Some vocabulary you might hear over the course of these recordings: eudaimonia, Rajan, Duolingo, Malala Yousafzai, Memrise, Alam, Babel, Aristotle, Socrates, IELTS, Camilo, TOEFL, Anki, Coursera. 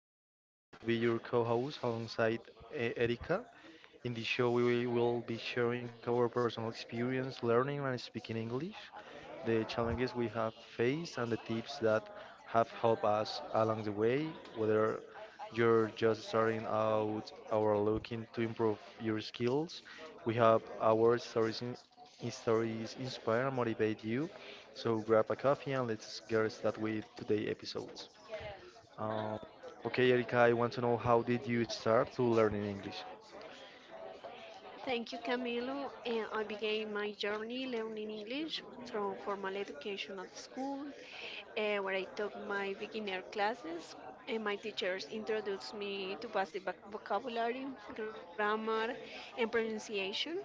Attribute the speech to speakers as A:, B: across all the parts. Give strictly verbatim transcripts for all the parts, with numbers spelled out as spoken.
A: Camilo, and I will be your co host alongside uh, Erika. In this show, we will be sharing our personal experience learning and speaking English, the challenges we have faced, and the tips that have helped us along the way, whether you're just starting out or looking to improve your skills. We have our stories in in stories inspire and motivate you. So grab a coffee and let's get started with today's episodes. Um, okay, Erika, I want to know, how did you start to learn in English?
B: Thank you, Camilo. And I began my journey learning English through formal education at school, eh, where I took my beginner classes. And my teachers introduced me to basic voc- vocabulary, grammar, and pronunciation.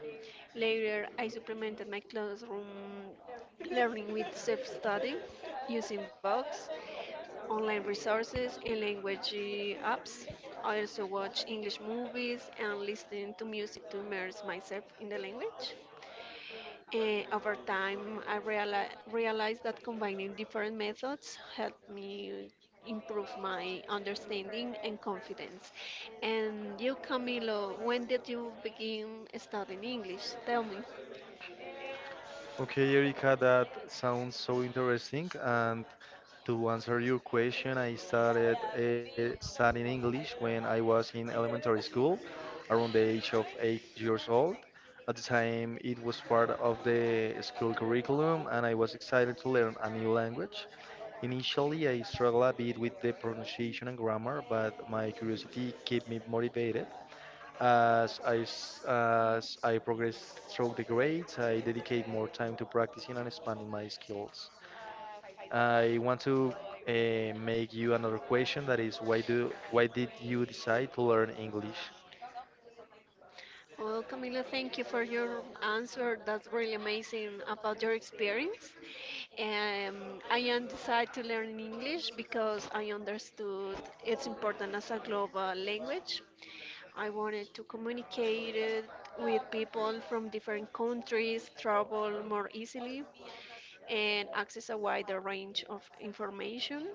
B: Later, I supplemented my classroom learning with self-study using books, online resources and language uh, apps. I also watch English movies and listen to music to immerse myself in the language. Eh, over time, I reali- realized that combining different methods helped me improve my understanding and confidence. And you, Camilo, when did you begin studying English? Tell me.
A: Okay, Erika, that sounds so interesting. And to answer your question, I started uh, studying English when I was in elementary school, around the age of eight years old. At the time, it was part of the school curriculum, and I was excited to learn a new language. Initially, I struggled a bit with the pronunciation and grammar, but my curiosity kept me motivated. As I, s- as I progress through the grades, I dedicate more time to practicing and expanding my skills. I want to uh, make you another question, that is, why do why did you decide to learn English?
B: Well, Camilo, thank you for your answer. That's really amazing about your experience. Um, I am decided to learn English because I understood it's important as a global language. I wanted to communicate it with people from different countries, travel more easily and access a wider range of information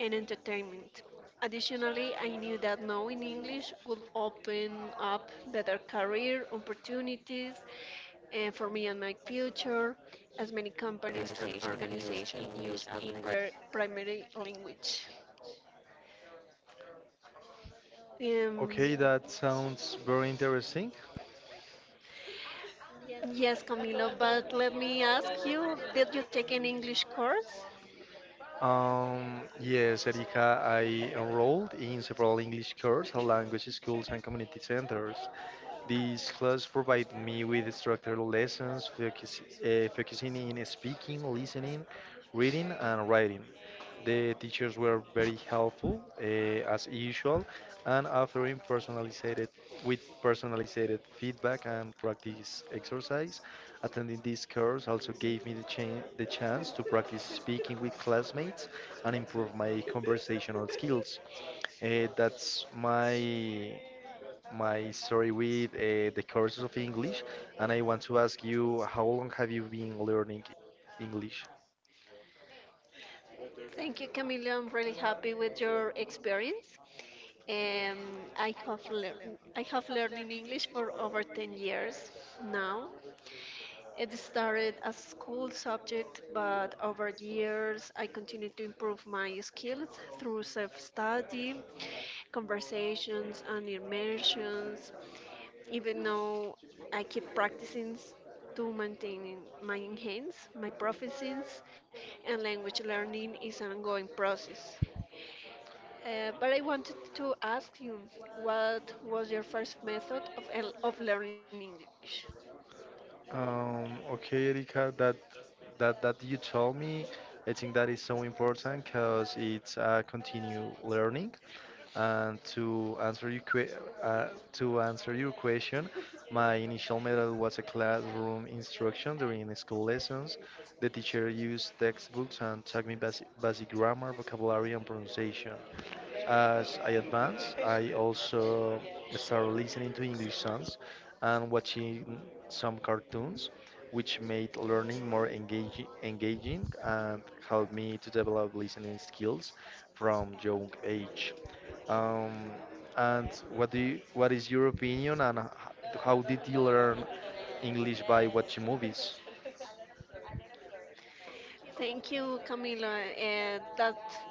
B: and entertainment. Additionally, I knew that knowing English would open up better career opportunities uh, for me and my future, as many companies and organizations use English their primary language. Um,
A: Okay, that sounds very interesting.
B: yes, Camilo, but let me ask you, did you take an English course?
A: Um, yes, Erika, I enrolled in several English courses at language schools and community centers. These classes provide me with structured lessons focus, uh, focusing in speaking, listening, reading, and writing. The teachers were very helpful, uh, as usual, and offering personalized with personalized feedback and practice exercise. Attending this course also gave me the, chan the chance to practice speaking with classmates and improve my conversational skills. Eh, that's my my story with uh, the courses of English, and I want to ask you, how long have you been learning English?
B: Thank you, Camilo. I'm really happy with your experience. Um, I have learned I have learned in English for over ten years now. It started as school subject, but over years I continued to improve my skills through self-study, conversations, and immersions. Even though I keep practicing s- to maintain my enhance my proficiency, and language learning is an ongoing process. Uh, but I wanted to ask you, what was your first method of el- of learning English?
A: Um, okay, Erika, that that that you told me, I think that is so important because it's uh, continue learning. And to answer your que- uh, to answer your question, my initial method was a classroom instruction during the school lessons. The teacher used textbooks and taught me basic, basic grammar, vocabulary, and pronunciation. As I advance, I also start listening to English songs and watching some cartoons, which made learning more engaging, engaging and helped me to develop listening skills from young age. Um, and what do you, what is your opinion, and h- how did you learn English by watching movies?
B: Thank you, Camila. Uh, that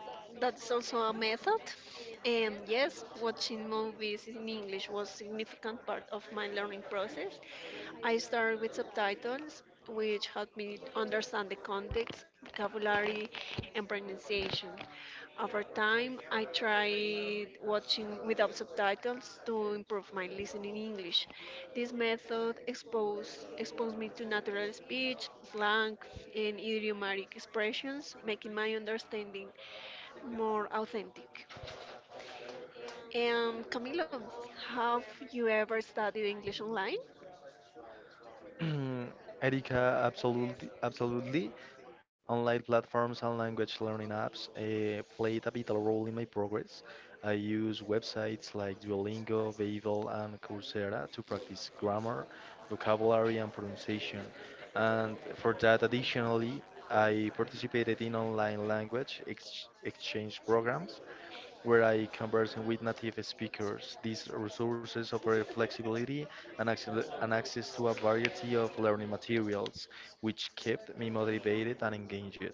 B: that's also a method. And yes, watching movies in English was significant part of my learning process. I started with subtitles, which helped me understand the context, vocabulary, and pronunciation. Over time, I tried watching without subtitles to improve my listening English. This method exposed, exposed me to natural speech, slang, and idiomatic expressions, making my understanding more authentic. And Camilo, have you ever studied English online?
A: Erika, absolutely, absolutely. Online platforms and language learning apps uh, played a vital role in my progress. I use websites like Duolingo, Babel, and Coursera to practice grammar, vocabulary, and pronunciation. And for that, additionally, I participated in online language ex exchange programs where I conversing with native speakers. These resources offer flexibility and access, and access to a variety of learning materials, which kept me motivated and engaged.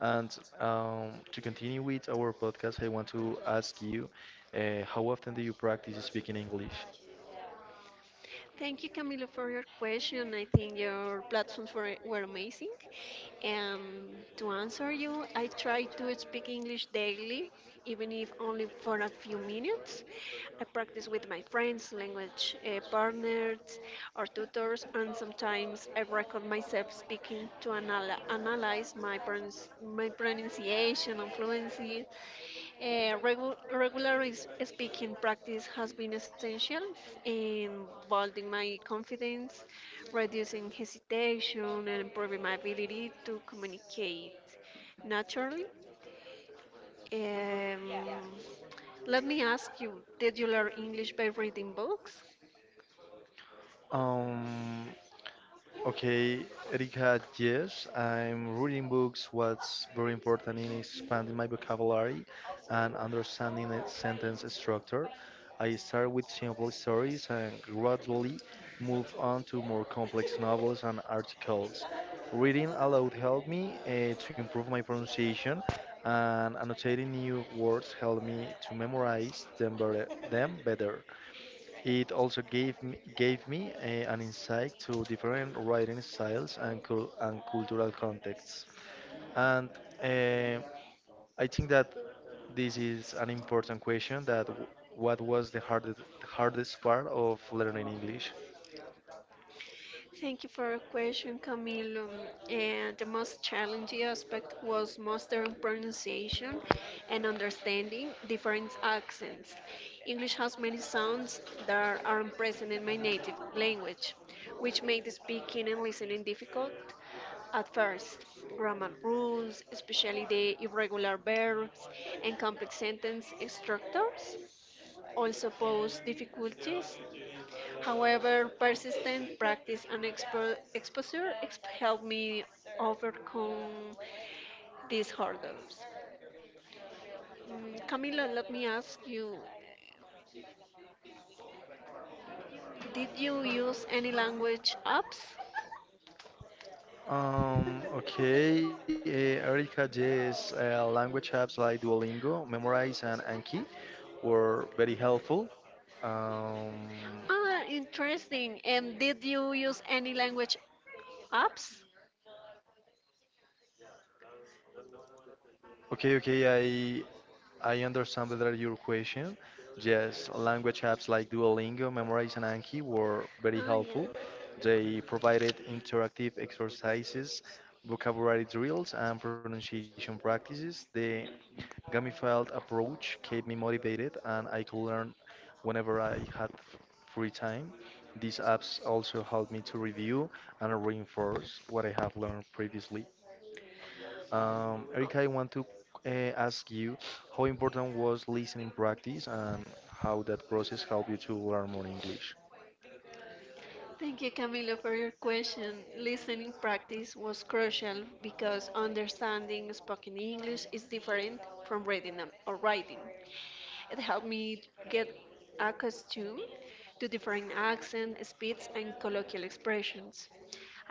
A: And um, to continue with our podcast, I want to ask you, uh, how often do you practice speaking English?
B: Thank you, Camilo, for your question. I think your platforms were, were amazing. And to answer you, I try to speak English daily, even if only for a few minutes. I practice with my friends, language uh, partners, or tutors, and sometimes I record myself speaking to anal- analyze my, pronunci- my pronunciation and fluency. Uh, regu regular is- speaking practice has been essential in building my confidence, reducing hesitation, and improving my ability to communicate naturally. Um, let me ask you, did you learn English by reading books?
A: Um, okay, Erika, yes, I'm reading books. What's very important in expanding my vocabulary and understanding the sentence structure. I start with simple stories and gradually move on to more complex novels and articles. Reading aloud helped me uh, to improve my pronunciation, and annotating new words helped me to memorize them better. Them better. It also gave me, gave me uh, an insight to different writing styles and, cul- and cultural contexts. And uh, I think that this is an important question, that w- what was the hardest hardest part of learning English?
B: Thank you for your question, Camilo. And the most challenging aspect was mastering pronunciation and understanding different accents. English has many sounds that aren't present in my native language, which made speaking and listening difficult at first. Grammar rules, especially the irregular verbs and complex sentence structures, also pose difficulties. However, persistent practice and expo- exposure exp- helped me overcome these hurdles. Mm, Camila, let me ask you, did you use any language apps?
A: Um, okay, uh, Erica, yes, uh, language apps like Duolingo, Memorize, and Anki were very helpful. Um,
B: Ah, interesting. And did you use any language apps?
A: okay, okay, I understand better your question. Yes, language apps like Duolingo, Memrise, and Anki were very
B: Ah, yeah.
A: helpful. They provided interactive exercises, vocabulary drills, and pronunciation practices. The gamified approach kept me motivated, and I could learn whenever I had f- free time. These apps also helped me to review and reinforce what I have learned previously. Um,
B: Oh,
A: Erika, I want to uh, ask you, how important was listening practice and how that process helped you to learn more English.
B: thank you, Camilo, for your question. Listening practice was crucial because understanding spoken English is different from reading and- or writing. It helped me get accustomed to different accents, speeds, and colloquial expressions.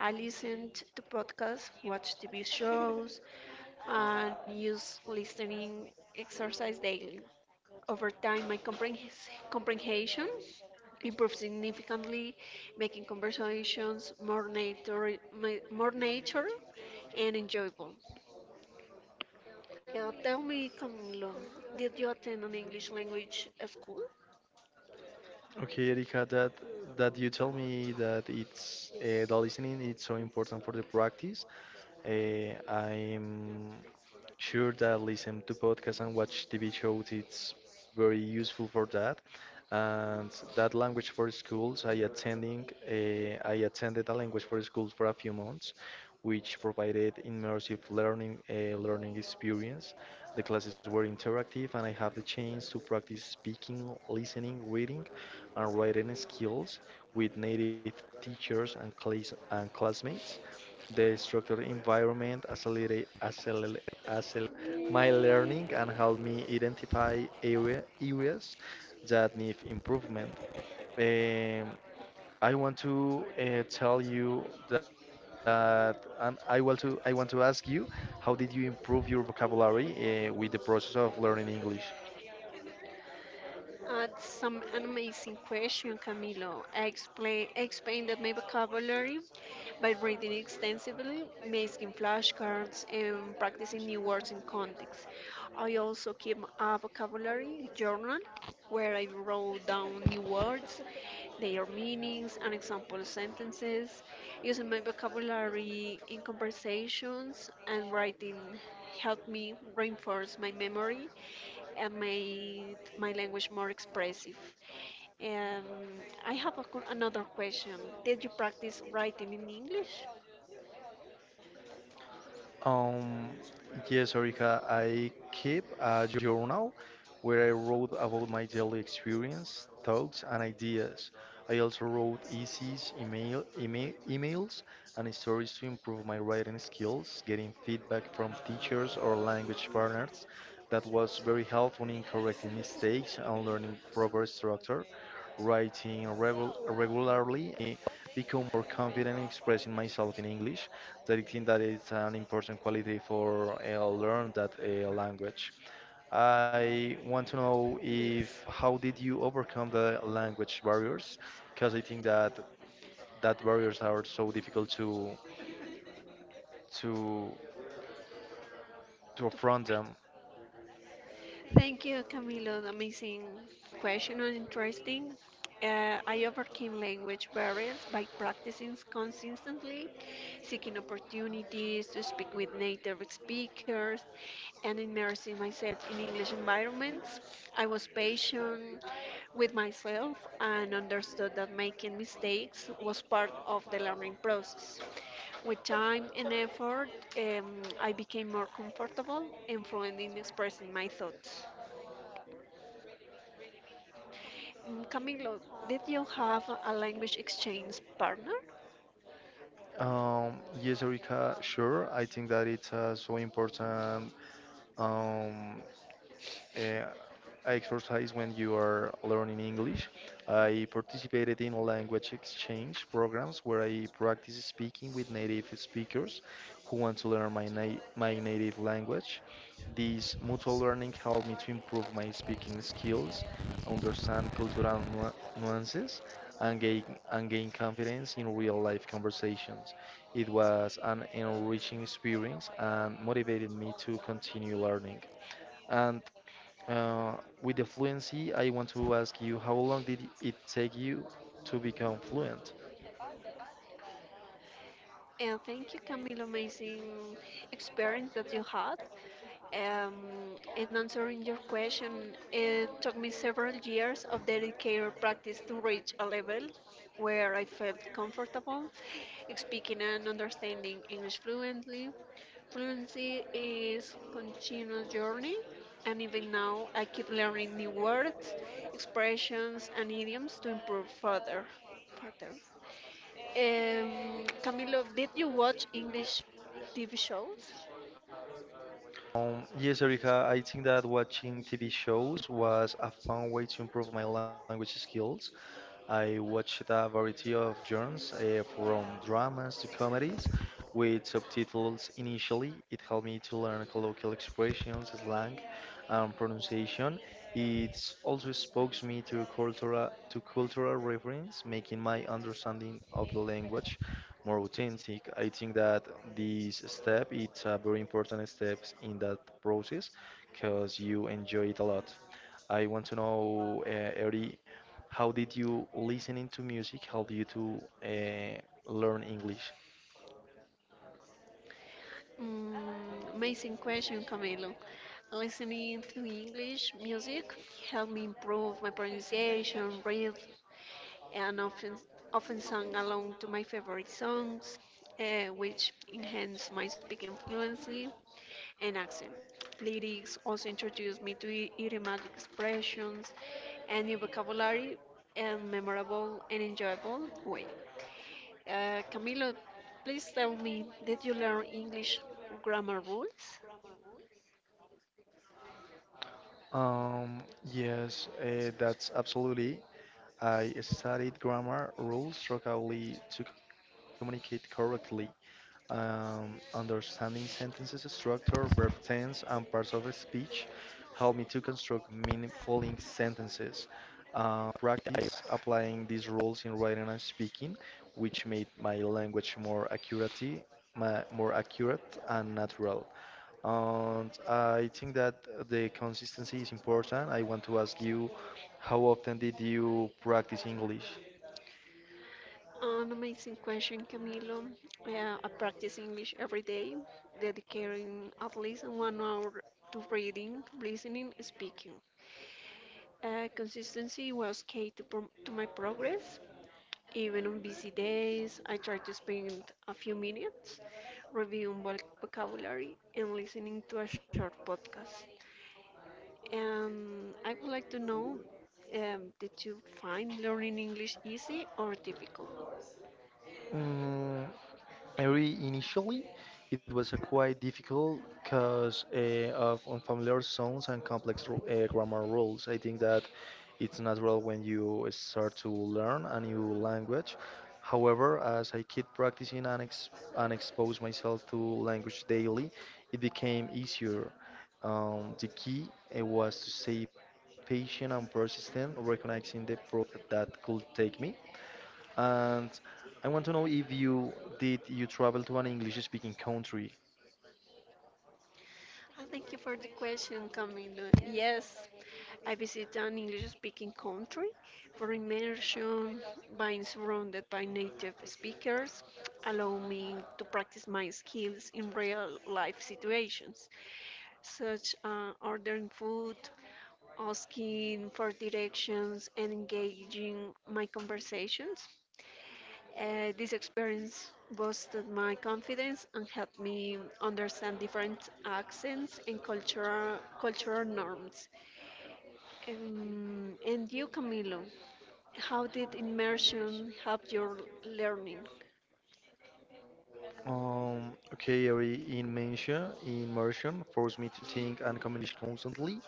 B: I listened to podcasts, watched T V shows, and used listening exercise daily. Over time, my comprehens- comprehension improved significantly, making conversations more nature, ma- more nature and enjoyable. Uh, tell me, Camilo, did you attend an English language school?
A: Okay, Erika, that that you tell me that it's uh, the listening, it's so important for the practice. Uh, I'm sure that listen to podcasts and watch T V shows it's very useful for that. And that language for schools, I attending, uh, I attended a language for schools for a few months, which provided immersive learning uh, learning experience. The classes were interactive, and I have the chance to practice speaking, listening, reading, and writing skills with native teachers and class and classmates. The structured environment accelerate, accelerate my learning and help me identify area, areas that need improvement. Um, I want to uh, tell you that, and I want to I want to ask you, how did you improve your vocabulary uh, with the process of learning English?
B: Uh, some an amazing question, Camilo. I explain expanded my vocabulary by reading extensively, making flashcards, and practicing new words in context. I also keep a vocabulary journal where I wrote down new words, their meanings, and example sentences, using my vocabulary in conversations and writing helped me reinforce my memory and made my language more expressive. And I have a, qu- another question. Did you practice writing in English?
A: Um, yes, Erika, I keep a journal where I wrote about my daily experience, thoughts, and ideas. I also wrote essays, email, email, emails, and stories to improve my writing skills, getting feedback from teachers or language partners. That was very helpful in correcting mistakes and learning proper structure. Writing regu regularly eh, become more confident in expressing myself in English, that I think that it's an important quality for uh, learn that uh, language. I want to know
B: Nice.
A: if how did you overcome the language barriers? Because I think that that barriers are so difficult to to to affront them.
B: Thank you, Camilo. Amazing question and interesting. Uh, I overcame language barriers by practicing consistently, seeking opportunities to speak with native speakers, and immersing myself in English environments. I was patient with myself and understood that making mistakes was part of the learning process. With time and effort, um, I became more comfortable and fluent in expressing my thoughts. Mm, Camilo, did you have a language exchange partner?
A: Um, yes, Erika, sure. I think that it's uh, so important um, uh, exercise when you are learning English. I participated in language exchange programs where I practice speaking with native speakers who want to learn my, na my native language. This mutual learning helped me to improve my speaking skills, understand cultural nu- nuances, and gain, and gain confidence in real life conversations. It was an enriching experience and motivated me to continue learning. And uh, with the fluency, I want to ask you, how long did it take you to become fluent?
B: And thank you, Camilo, amazing experience that you had. Um, in answering your question, it took me several years of dedicated practice to reach a level where I felt comfortable speaking and understanding English fluently. Fluency is continuous journey, and even now I keep learning new words, expressions, and idioms to improve further. Further. Um, Camilo, did you watch English T V shows?
A: Um, yes, Erika, I think that watching T V shows was a fun way to improve my language skills. I watched a variety of genres, uh, from dramas to comedies, with subtitles initially. It helped me to learn colloquial expressions, slang, and pronunciation. It also exposed me to cultural to cultural reference, making my understanding of the language more authentic. I think that this step it's a very important step in that process because you enjoy it a lot. I want to know, uh, Eri, how did you listening to music help you to uh, learn English?
B: Mm, amazing question, Camilo. Listening to English music helped me improve my pronunciation, read, and often often sang along to my favorite songs, uh, which enhanced my speaking fluency and accent. Lyrics also introduced me to idiomatic expressions and new vocabulary in a memorable and enjoyable way. Uh, Camilo, please tell me, did you learn English grammar rules?
A: Um, yes, uh, that's absolutely. I studied grammar rules strongly to communicate correctly. Um, understanding sentences structure, verb tense, and parts of speech help me to construct meaningful sentences. Uh, practice applying these rules in writing and speaking, which made my language more accurate, ma- more accurate and natural. And I think that the consistency is important. I want to ask you, how often did you practice English?
B: An amazing question, Camilo. Yeah, I practice English every day, dedicating at least one hour to reading, listening, speaking. Uh, consistency was key to, pro- to my progress. Even on busy days, I try to spend a few minutes reviewing voc- vocabulary and listening to a short podcast. And I would like to know um, did you find learning English easy or difficult?
A: Mm, I re- initially, it was uh, quite difficult because uh, of unfamiliar sounds and complex ru- uh, grammar rules. I think that it's natural when you start to learn a new language. However, as I keep practicing and, ex- and expose myself to language daily, it became easier. Um, the key uh, was to stay patient and persistent, recognizing the process that could take me. And I want to know if you did you travel to an English-speaking country?
B: Uh, Thank you for the question, Camilo. Yes, I visit an English-speaking country for immersion by surrounded by native speakers, allow me to practice my skills in real-life situations, such as ordering food, asking for directions, and engaging my conversations. Uh, this experience boosted my confidence and helped me understand different accents and cultural, cultural norms. Um, and you, Camilo, how did immersion help your learning?
A: Um, okay, Ari, in Mencia, immersion forced me to think and communicate constantly.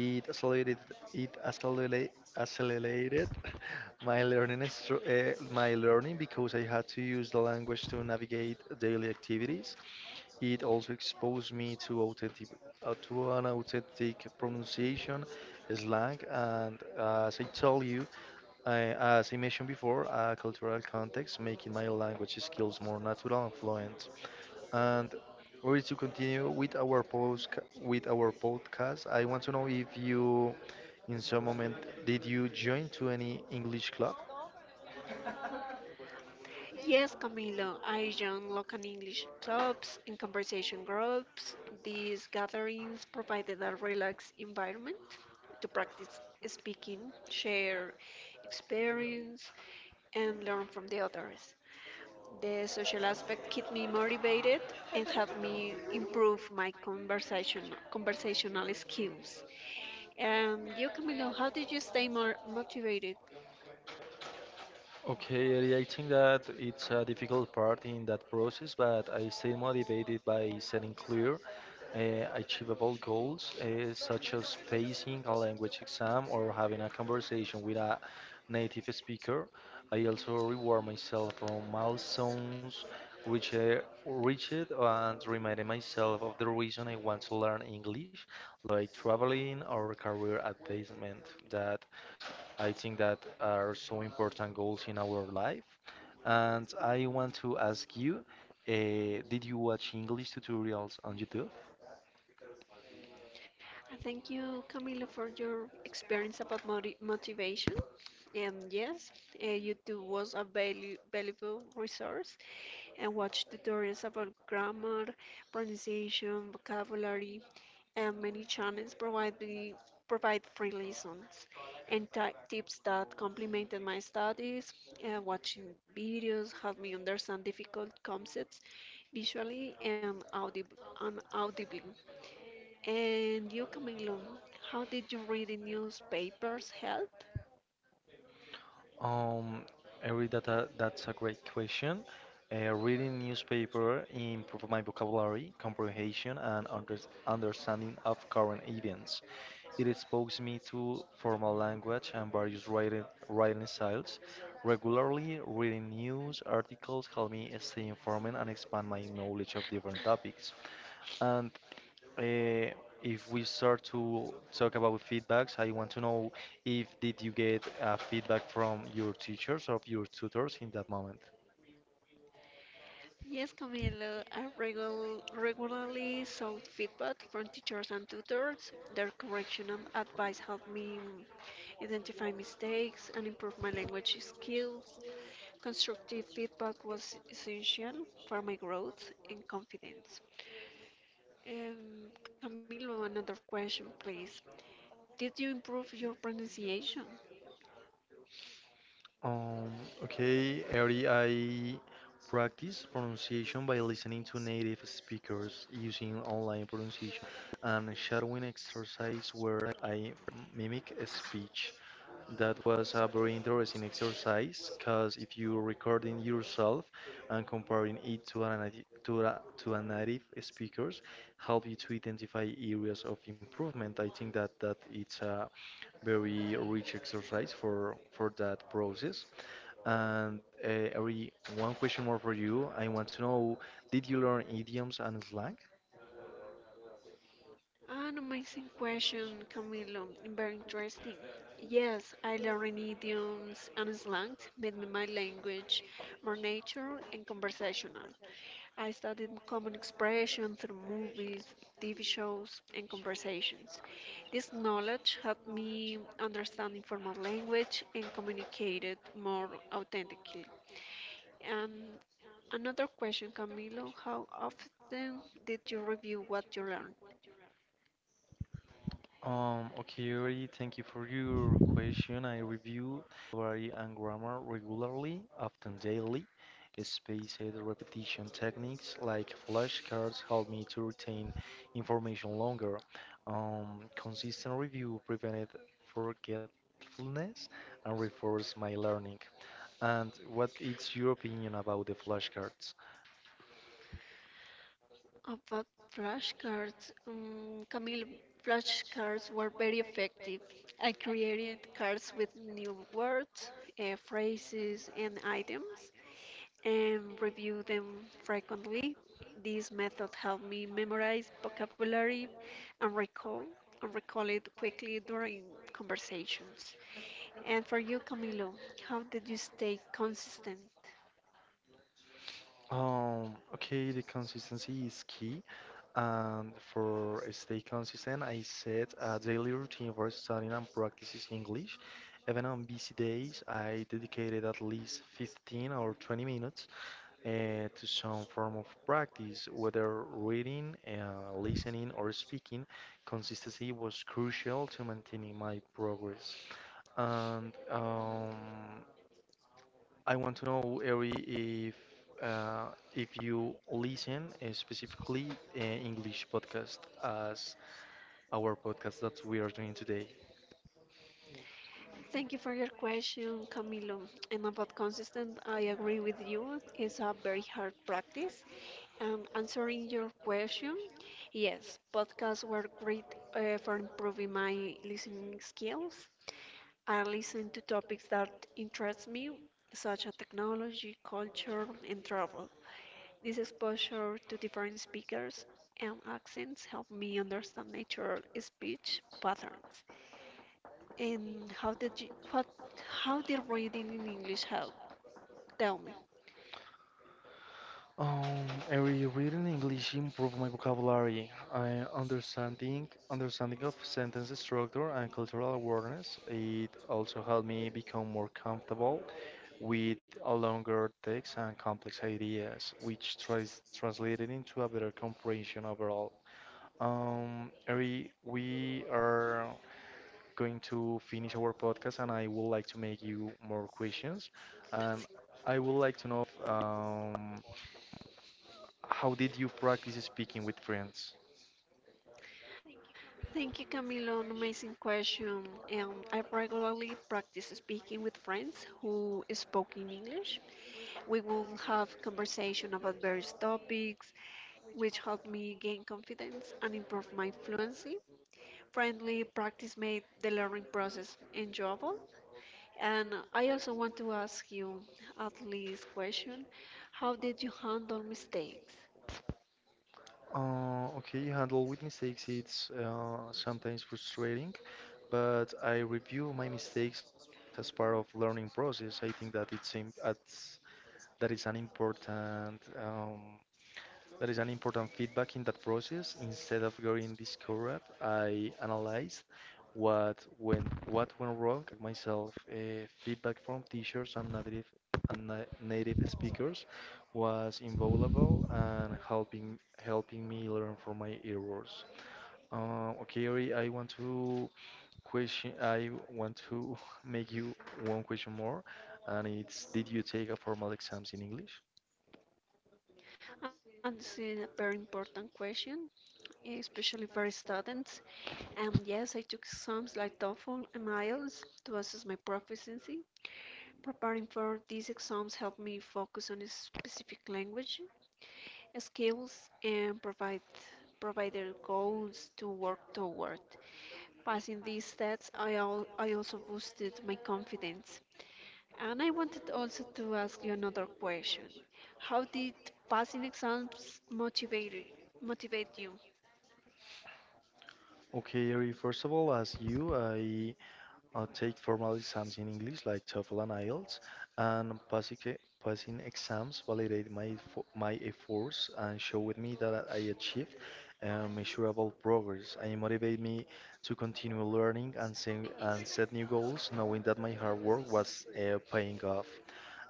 A: It accelerated, it accelerated, accelerated my learning, str- uh, my learning, because I had to use the language to navigate daily activities. It also exposed me to authentic, uh, to an authentic pronunciation, slang, and uh, as I told you. I, as I mentioned before, a cultural context, making my language skills more natural and fluent. And or to continue with our post with our podcast, I want to know if you, in some moment, did you join to any English club?
B: Yes, Camilo, I joined local English clubs and conversation groups. These gatherings provided a relaxed environment to practice speaking, share experience, and learn from the others. The social aspect keep me motivated and help me improve my conversation conversational skills. And you, Camilo, how did you stay more motivated?
A: Okay, Eli, I think that it's a difficult part in that process, but I stay motivated by setting clear, uh, achievable goals, uh, such as pacing a language exam or having a conversation with a native speaker. I also reward myself for milestones reached, reached, and reminding myself of the reason I want to learn English, like traveling or career advancement. That I think that are so important goals in our life. And I want to ask you, uh, did you watch English tutorials on YouTube?
B: I Thank you, Camilo, for your experience about moti motivation. And yes, uh, YouTube was a valu valuable resource and watch tutorials about grammar, pronunciation, vocabulary, and many channels provide me provide free lessons and ti- tips that complemented my studies. Uh, watching videos helped me understand difficult concepts visually and, audib- and audibly. And you, Camilo, how did you read the newspapers help?
A: Um, Eric, that, uh, that's a great question. Uh, reading newspaper improved my vocabulary, comprehension, and under understanding of current events. It exposed me to formal language and various writing, writing styles. Regularly reading news articles helped me stay informed and expand my knowledge of different topics. And uh, if we start to talk about feedbacks, I want to know if did you get uh, feedback from your teachers or your tutors in that moment?
B: Yes, Camilo, I regul regularly sought feedback from teachers and tutors. Their correctional advice helped me identify mistakes and improve my language skills. Constructive feedback was essential for my growth and confidence. Um, Camilo, another question, please. Did you improve your pronunciation?
A: Um, okay, Ari, I practice pronunciation by listening to native speakers using online pronunciation and shadowing exercise where I mimic a speech. That was a very interesting exercise because if you're recording yourself and comparing it to a nati- to a, to a native speakers, help you to identify areas of improvement. I think that that it's a very rich exercise for for that process. And uh, every one question more for you. I want to know, did you learn idioms and slang?
B: An amazing question, Camilo. Very interesting. Yes, I learned idioms and slangs made me my language more natural and conversational. I studied common expression through movies, T V shows, and conversations. This knowledge helped me understand informal language and communicate it more authentically. And another question, Camilo, how often did you review what you learned?
A: Um, okay, Yuri, thank you for your question. I review vocabulary and grammar regularly, often daily. Spaced repetition techniques like flashcards help me to retain information longer. Um, consistent review prevented forgetfulness and reinforced my learning. And what is your opinion about the flashcards?
B: About flashcards, um, Camille, flashcards were very effective. I created cards with new words, uh, phrases, and items, and reviewed them frequently. This method helped me memorize vocabulary and recall and recall it quickly during conversations. And for you, Camilo, how did you stay consistent?
A: Um, okay, the consistency is key. And for stay consistent, I set a daily routine for studying and practices English. Even on busy days, I dedicated at least fifteen or twenty minutes uh, to some form of practice, whether reading, uh, listening, or speaking. Consistency was crucial to maintaining my progress. And um, I want to know, Eri, if uh, if you listen uh, specifically uh, English podcast as our podcast that we are doing today.
B: Thank you for your question, Camilo. And about consistent, I agree with you. It's a very hard practice. And answering your question, yes, podcasts were great uh, for improving my listening skills. I listen to topics that interest me, such as technology, culture, and travel. This exposure to different speakers and accents helped me understand natural speech patterns. And how did you, what, how did reading in English help? Tell me.
A: Um, Eri, reading English improve my vocabulary. I understanding understanding of sentence structure and cultural awareness. It also helped me become more comfortable with a longer text and complex ideas, which tries translated into a better comprehension overall. Um, Eri, we are going to finish our podcast, and I would like to make you more questions. And I would like to know um, how did you practice speaking with friends?
B: Thank you, Camilo. An amazing question. Um, I regularly practice speaking with friends who spoke in English. We will have conversation about various topics, which helped me gain confidence and improve my fluency. Friendly practice made the learning process enjoyable. And I also want to ask you at least question, how did you handle mistakes?
A: Uh, okay, handle with mistakes. It's uh, sometimes frustrating, but I review my mistakes as part of learning process. I think that it's im- that's, that is an important um, That is an important feedback in that process. Instead of getting discouraged, I analyzed what went what went wrong myself. Uh, feedback from teachers and native and na- native speakers was invaluable and helping helping me learn from my errors. Uh, okay, Ori, I want to question. I want to make you one question more, and it's: Did you take a formal exams in English?
B: And this is a very important question, especially for students. And yes, I took exams like TOEFL and IELTS to assess my proficiency. Preparing for these exams helped me focus on a specific language, skills, and provide provided goals to work toward. Passing these tests, I, al- I also boosted my confidence. And I wanted also to ask you another question. How did passing exams motivate motivate you?
A: Okay, Eri, first of all, as you, I uh, take formal exams in English like TOEFL and I E L T S, and passing, e- passing exams validate my fo- my efforts and show with me that I achieved uh, measurable progress. And motivate me to continue learning and set, and set new goals, knowing that my hard work was uh, paying off.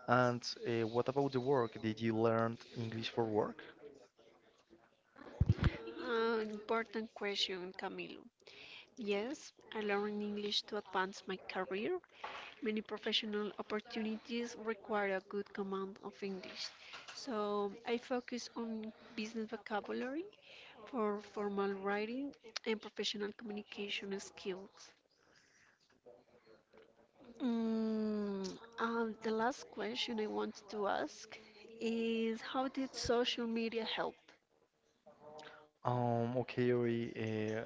A: And uh, what about the work? Did you learn English for work?
B: Uh, important question, Camilo. Yes, I learned English to advance my career. Many professional opportunities require a good command of English. So I focus on business vocabulary for formal writing and professional communication skills. Mm, um, the last question I wanted to ask is how did social media help?
A: Um, okay, Ori, uh,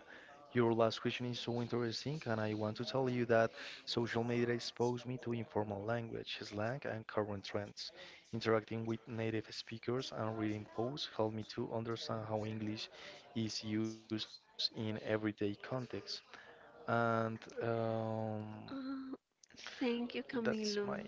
A: your last question is so interesting, and I want to tell you that social media exposed me to informal language, slang, and current trends. Interacting with native speakers and reading posts helped me to understand how English is used in everyday contexts. And um,
B: Uh, thank you,
A: that's my
B: Camilo.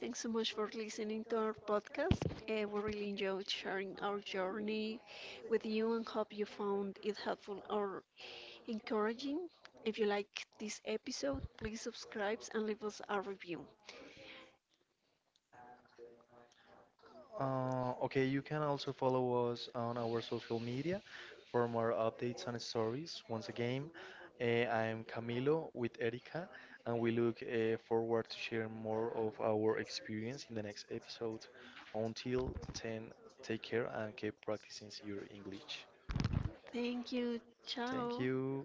B: Thanks so much for listening to our podcast. Uh, we really enjoyed sharing our journey with you and hope you found it helpful or encouraging. If you like this episode, please subscribe and leave us a review.
A: Uh, okay, you can also follow us on our social media for more updates and stories. Once again, eh, I'm Camilo with Erika, and we look eh, forward to share more of our experience in the next episode. Until then, take care and keep practicing your English.
B: Thank you. Ciao.
A: Thank you.